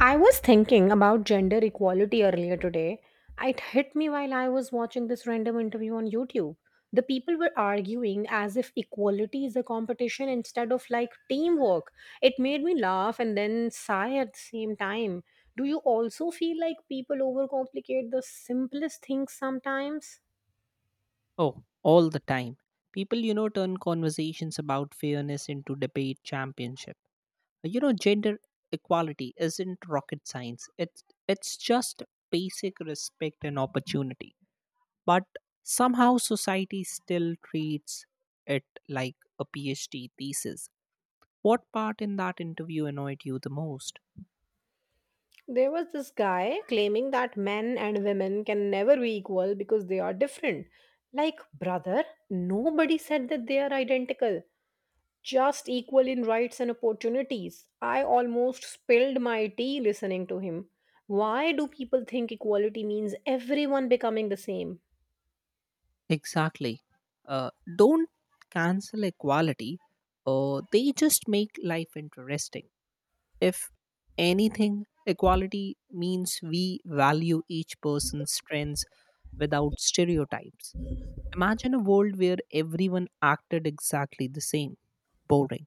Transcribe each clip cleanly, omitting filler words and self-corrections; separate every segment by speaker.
Speaker 1: I was thinking about gender equality earlier today. It hit me while I was watching this random interview on YouTube. The people were arguing as if equality is a competition instead of like teamwork. It made me laugh and then sigh at the same time. Do you also feel like people overcomplicate the simplest things sometimes?
Speaker 2: Oh, all the time. People, you know, turn conversations about fairness into debate championship. Gender equality isn't rocket science. It's just basic respect and opportunity. But somehow society still treats it like a PhD thesis. What part in that interview annoyed you the most?
Speaker 1: There was this guy claiming that men and women can never be equal because they are different. Like, brother, nobody said that they are identical, just equal in rights and opportunities. I almost spilled my tea listening to him. Why do people think equality means everyone becoming the same?
Speaker 2: Exactly. Uh, don't cancel equality. They just make life interesting. If anything, equality means we value each person's strengths without stereotypes. Imagine a world where everyone acted exactly the same, boring.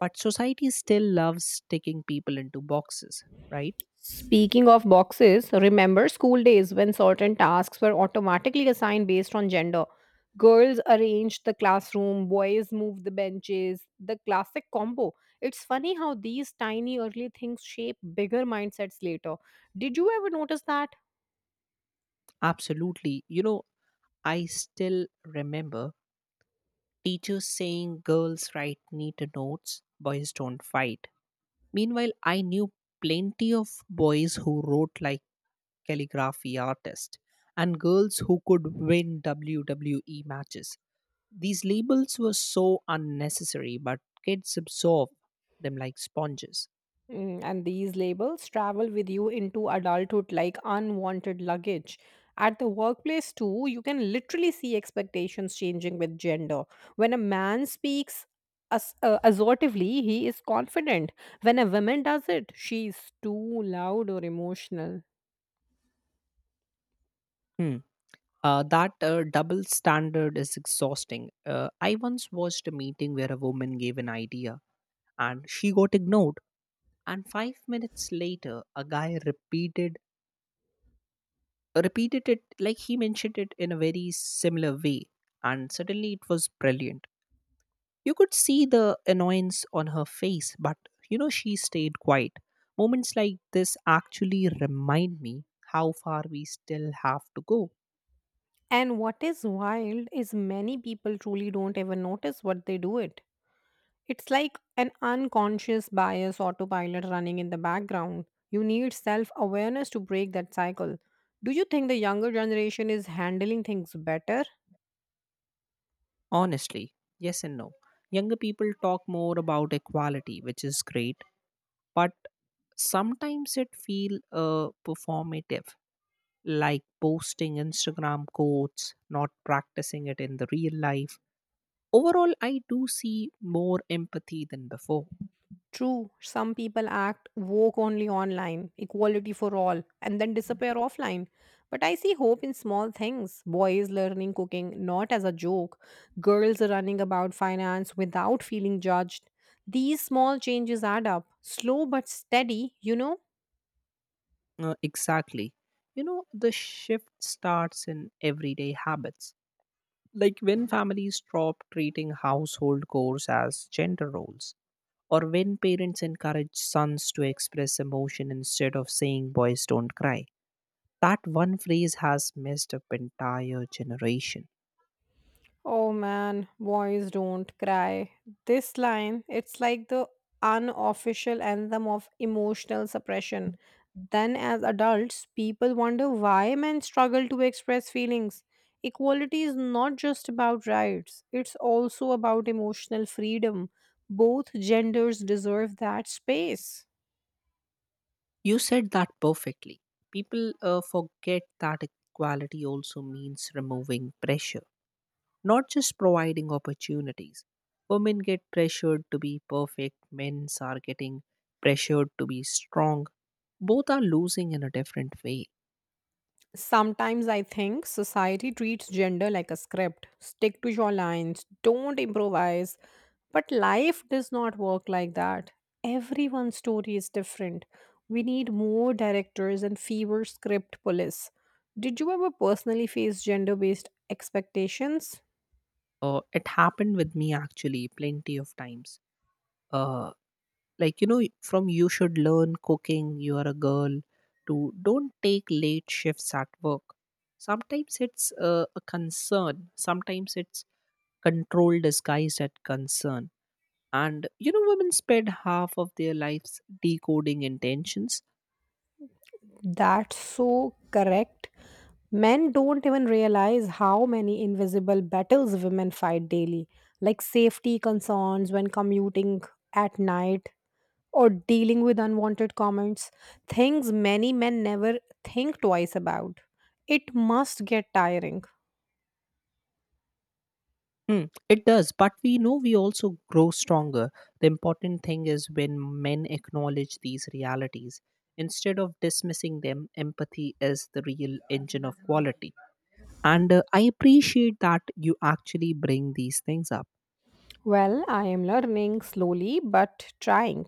Speaker 2: But society still loves sticking people into boxes, right?
Speaker 1: Speaking of boxes, remember school days when certain tasks were automatically assigned based on gender? Girls arranged the classroom, boys moved the benches, the classic combo. It's funny how these tiny early things shape bigger mindsets later. Did you ever notice that?
Speaker 2: Absolutely. You know, I still remember teachers saying girls write neat notes, boys don't fight. Meanwhile, I knew plenty of boys who wrote like calligraphy artist, and girls who could win WWE matches. These labels were so unnecessary, but kids absorb them like sponges.
Speaker 1: Mm, and these labels travel with you into adulthood like unwanted luggage. At the workplace, too, you can literally see expectations changing with gender. When a man speaks assertively, he is confident. When a woman does it, she's too loud or emotional.
Speaker 2: Hmm. That double standard is exhausting. I once watched a meeting where a woman gave an idea and she got ignored. And five minutes later, a guy repeated it like he mentioned it in a very similar way, and suddenly it was brilliant. You could see the annoyance on her face, but you know, she stayed quiet. Moments like this actually remind me how far we still have to go.
Speaker 1: And what is wild is many people truly don't even notice what they do it. It's like an unconscious bias autopilot running in the background. You need self awareness to break that cycle. Do you think the younger generation is handling things better?
Speaker 2: Honestly, yes and no. Younger people talk more about equality, which is great, but sometimes it feel performative like posting instagram quotes not practicing it in the real life overall I do see more empathy than before.
Speaker 1: True, some people act woke only online, equality for all, and then disappear offline. But I see hope in small things: boys learning cooking not as a joke, girls running about finance without feeling judged. These small changes add up, slow but steady,
Speaker 2: Exactly. You know, the shift starts in everyday habits, like when families stop treating household chores as gender roles, or when parents encourage sons to express emotion instead of saying boys don't cry. That one phrase has messed up entire generation.
Speaker 1: Oh man, boys don't cry. This line, it's like the unofficial anthem of emotional suppression. Then, as adults, people wonder why men struggle to express feelings. Equality is not just about rights, it's also about emotional freedom. Both genders deserve that space.
Speaker 2: You said that perfectly. People forget that equality also means removing pressure not just providing opportunities. Women get pressured to be perfect, men are getting pressured to be strong. Both are losing in a different way.
Speaker 1: Sometimes I think society treats gender like a script. Stick to your lines, don't improvise. But life does not work like that. Everyone's story is different. We need more directors and fewer script police. Did you ever personally face gender based expectations?
Speaker 2: It happened with me actually plenty of times. Uh, like, you know, from you should learn cooking, you are a girl, to don't take late shifts at work. Sometimes it's a concern, sometimes it's control disguised as concern. And you know, women spend half of their lives decoding intentions.
Speaker 1: That's so correct. Men don't even realize how many invisible battles women fight daily, like safety concerns when commuting at night, or dealing with unwanted comments, things many men never think twice about. It must get tiring.
Speaker 2: Hmm, it does, but we know we also grow stronger. The important thing is when men acknowledge these realities. Instead of dismissing them, empathy is the real engine of quality. And I appreciate that you actually bring these things up.
Speaker 1: Well, I am learning slowly but trying.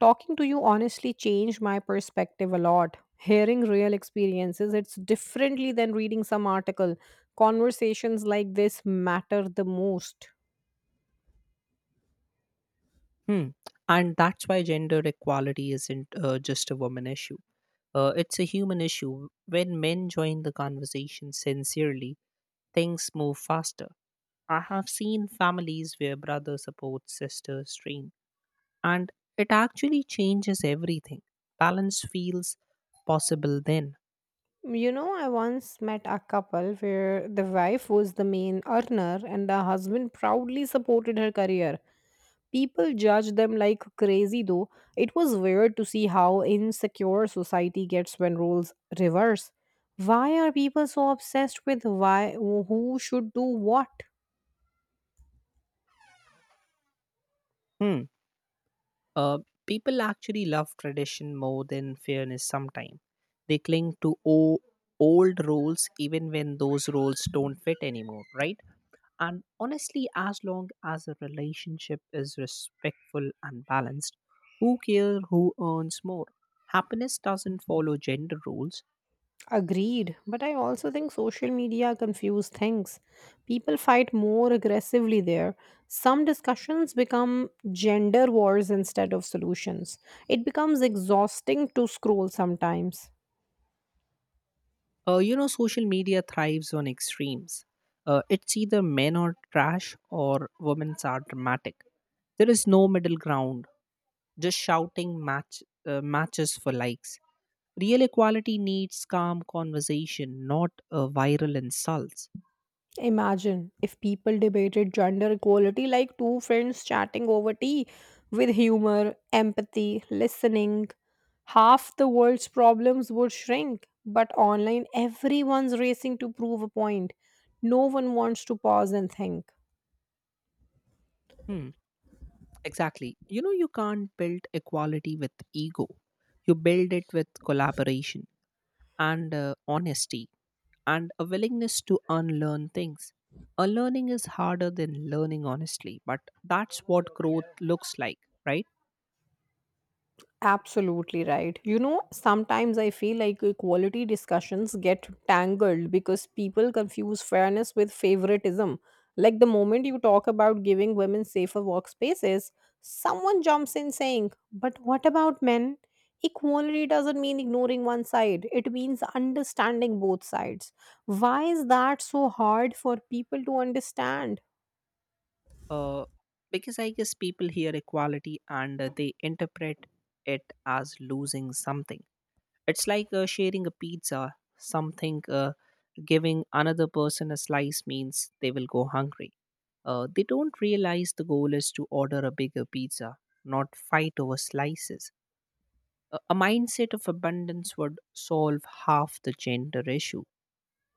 Speaker 1: Talking to you honestly changed my perspective a lot. Hearing real experiences, it's differently than reading some article. Conversations like this matter the most.
Speaker 2: Hmm. And that's why gender equality isn't just a woman issue. It's a human issue. When men join the conversation sincerely, things move faster. I have seen families where brother supports sister's dream, and it actually changes everything. Balance feels possible then.
Speaker 1: You know, I once met a couple where the wife was the main earner and the husband proudly supported her career. People judge them like crazy, though. It was weird to see how insecure society gets when roles reverse. Why are people so obsessed with why who should do what?
Speaker 2: Hmm. Uh, People actually love tradition more than fairness sometimes. They cling to old rules even when those rules don't fit anymore, right? And honestly, as long as a relationship is respectful and balanced, who cares who earns more? Happiness doesn't follow gender rules.
Speaker 1: Agreed, but I also think social media confuse things. People fight more aggressively there. Some discussions become gender wars instead of solutions. It becomes exhausting to scroll sometimes.
Speaker 2: You know, social media thrives on extremes. It's either men are trash or women are dramatic. There is no middle ground, just shouting matches for likes. Real equality needs calm conversation, not viral insults.
Speaker 1: Imagine if people debated gender equality like two friends chatting over tea, with humor, empathy, listening. Half the world's problems would shrink, but online, everyone's racing to prove a point. No one wants to pause and think.
Speaker 2: Hmm. Exactly. You know, you can't build equality with ego. You build it with collaboration and honesty and a willingness to unlearn things. Unlearning is harder than learning, honestly, but that's what growth looks like, right?
Speaker 1: Absolutely right. You know, sometimes I feel like equality discussions get tangled because people confuse fairness with favoritism. Like the moment you talk about giving women safer workspaces, someone jumps in saying, "But what about men?" Equality doesn't mean ignoring one side, it means understanding both sides. Why is that so hard for people to understand?
Speaker 2: Uh, because I guess people hear equality and they interpret it as losing something. It's like sharing a pizza, something giving another person a slice means they will go hungry. They don't realize the goal is to order a bigger pizza, not fight over slices. A mindset of abundance would solve half the gender issue.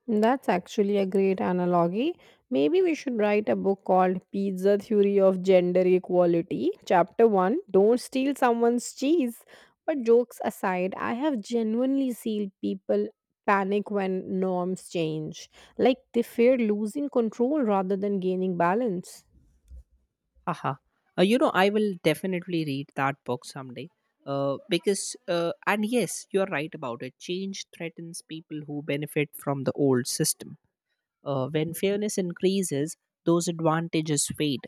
Speaker 1: That's actually a great analogy. Maybe we should write a book called Pizza Theory of Gender Equality. Chapter 1, Don't Steal Someone's Cheese. But jokes aside, I have genuinely seen people panic when norms change. Like they fear losing control rather than gaining balance.
Speaker 2: Haha. You know, I will definitely read that book someday. And yes, you're right about it. Change threatens people who benefit from the old system. When fairness increases, those advantages fade.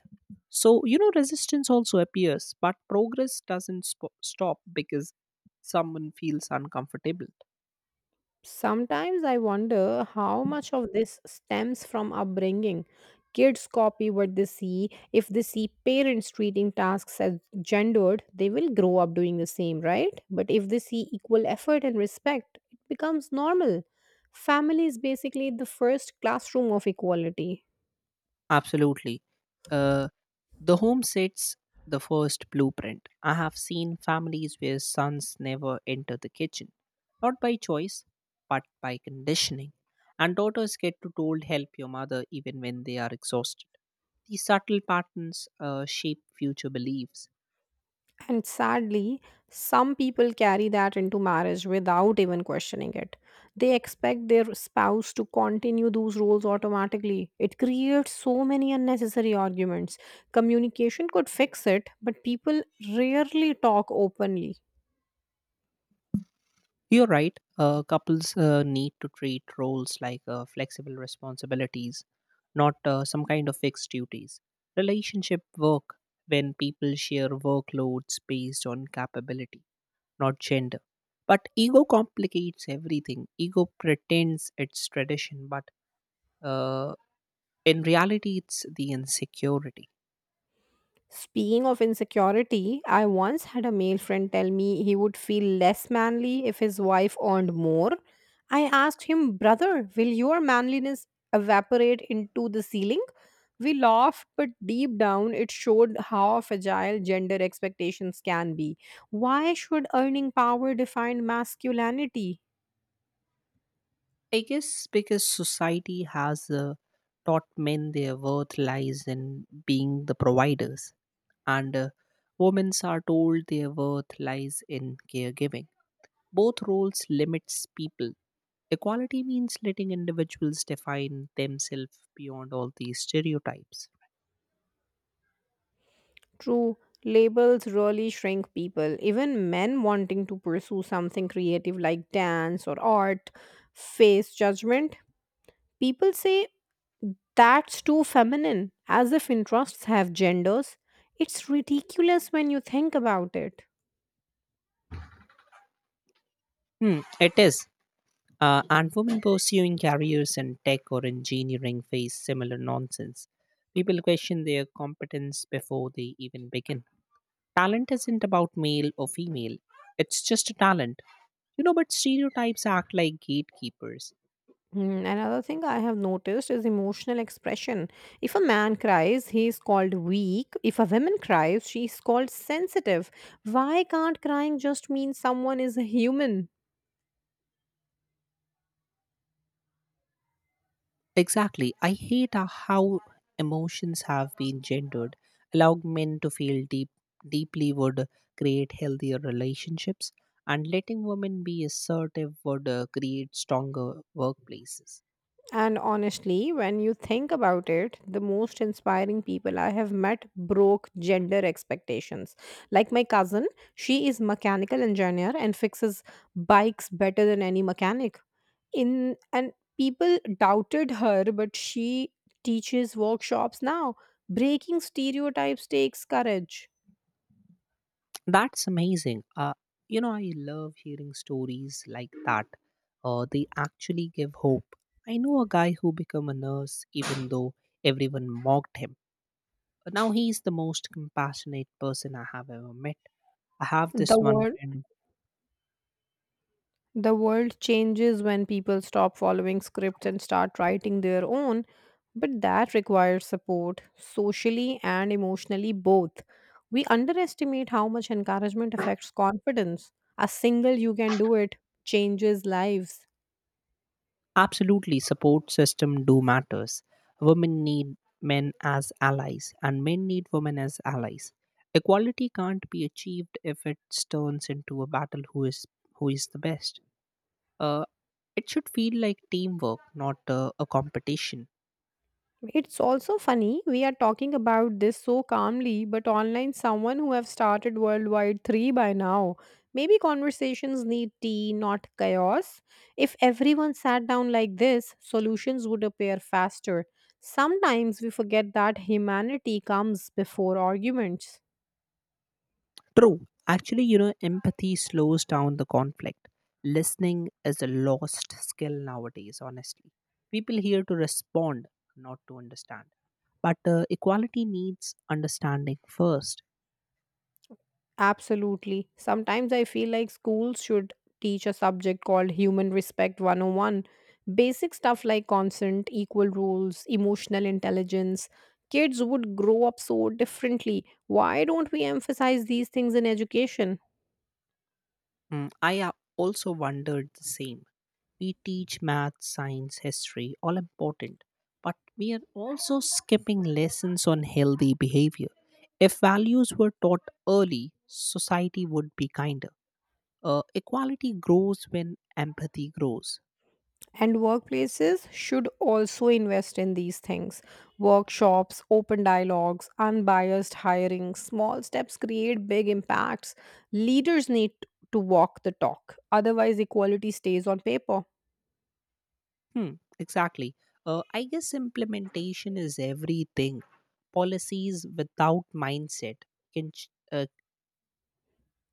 Speaker 2: So, you know, resistance also appears, but progress doesn't stop because someone feels uncomfortable.
Speaker 1: Sometimes I wonder how much of this stems from upbringing. Kids copy what they see. If they see parents treating tasks as gendered, they will grow up doing the same, right? But if they see equal effort and respect, it becomes normal. Family is basically the first classroom of equality.
Speaker 2: Absolutely. Uh, The home sets the first blueprint. I have seen families where sons never enter the kitchen, not by choice, but by conditioning. And daughters get to told help your mother even when they are exhausted. These subtle patterns shape future beliefs.
Speaker 1: And sadly, some people carry that into marriage without even questioning it. They expect their spouse to continue those roles automatically. It creates so many unnecessary arguments. Communication could fix it, but people rarely talk openly.
Speaker 2: You're right, couples need to treat roles like flexible responsibilities, not some kind of fixed duties. Relationship work when people share workloads based on capability not gender. But ego complicates everything. Ego pretends it's tradition, but uh, in reality, it's the insecurity.
Speaker 1: Speaking of insecurity, I once had a male friend tell me he would feel less manly if his wife earned more. I asked him, "Brother, will your manliness evaporate into the ceiling?" We laughed, but deep down it showed how fragile gender expectations can be. Why should earning power define masculinity?
Speaker 2: I guess because society has taught men their worth lies in being the providers, and women are told their worth lies in caregiving. Both roles limits people. Equality means letting individuals define themselves beyond all these stereotypes.
Speaker 1: True, labels really shrink people. Even men wanting to pursue something creative like dance or art face judgment. People say, "That's too feminine," as if interests have genders. It's ridiculous when you think about it.
Speaker 2: Hmm, it is. And women pursuing careers in tech or engineering face similar nonsense. People question their competence before they even begin. Talent isn't about male or female, it's just a talent. You know, but stereotypes act like gatekeepers.
Speaker 1: Hmm, another thing I have noticed is emotional expression. If a man cries, he is called weak. If a woman cries, she is called sensitive. Why can't crying just mean someone is a human?
Speaker 2: Exactly. I hate how emotions have been gendered. Allow men to feel deeply would create healthier relationships, and letting women be assertive would create stronger workplaces.
Speaker 1: And honestly, when you think about it, the most inspiring people I have met broke gender expectations. Like my cousin, she is mechanical engineer and fixes bikes better than any mechanic. In and people doubted her, but she teaches workshops now. Breaking stereotypes takes courage.
Speaker 2: That's amazing. You know, I love hearing stories like that. They actually give hope. I know a guy who became a nurse even though everyone mocked him. But now he's the most compassionate person I have ever met. I have this
Speaker 1: The
Speaker 2: one
Speaker 1: word
Speaker 2: friend.
Speaker 1: The world changes when people stop following script and start writing their own, but that requires support, socially and emotionally both. We underestimate how much encouragement affects confidence. A single "you can do it" changes lives.
Speaker 2: Absolutely, support system do matters. Women need men as allies, and men need women as allies. Equality can't be achieved if it turns into a battle who is the best. Uh, it should feel like teamwork, not a competition.
Speaker 1: It's also funny we are talking about this so calmly, but online someone who have started worldwide 3 by now. Maybe conversations need tea, not chaos. If everyone sat down like this, solutions would appear faster. Sometimes we forget that humanity comes before arguments.
Speaker 2: True. Actually, you know, empathy slows down the conflict. Listening is a lost skill nowadays, honestly. People here to respond, not to understand. But equality needs understanding first.
Speaker 1: Absolutely. Sometimes I feel like schools should teach a subject called Human Respect 101. Basic stuff like consent, equal rules, emotional intelligence. Kids would grow up so differently. Why don't we emphasize these things in education?
Speaker 2: Mm, I also wondered the same. We teach math, science, history, all important. But we are also skipping lessons on healthy behavior. If values were taught early, society would be kinder. Equality grows when empathy grows.
Speaker 1: And workplaces should also invest in these things. Workshops, open dialogues, unbiased hiring, small steps create big impacts. Leaders need to walk the talk. Otherwise, equality stays on paper.
Speaker 2: Hmm, exactly. I guess implementation is everything. Policies without mindset can, ch-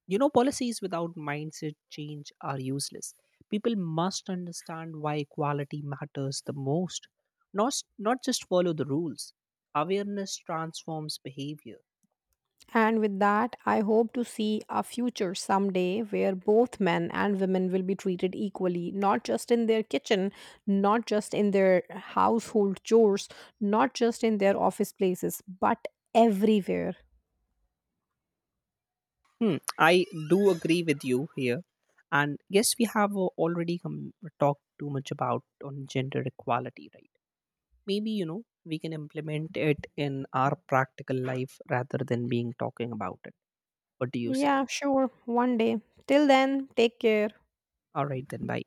Speaker 2: you know, Policies without mindset change are useless. People must understand why equality matters the most, not just follow the rules. Awareness transforms behavior.
Speaker 1: And with that, I hope to see a future someday where both men and women will be treated equally, not just in their kitchen, not just in their household chores, not just in their office places, but everywhere.
Speaker 2: Hmm, I do agree with you here. And yes, we have talked too much about on gender equality, right? Maybe you know we can implement it in our practical life rather than being talking about it. What do you say?
Speaker 1: Yeah, sure. One day. Till then, take care.
Speaker 2: All right, then. Bye.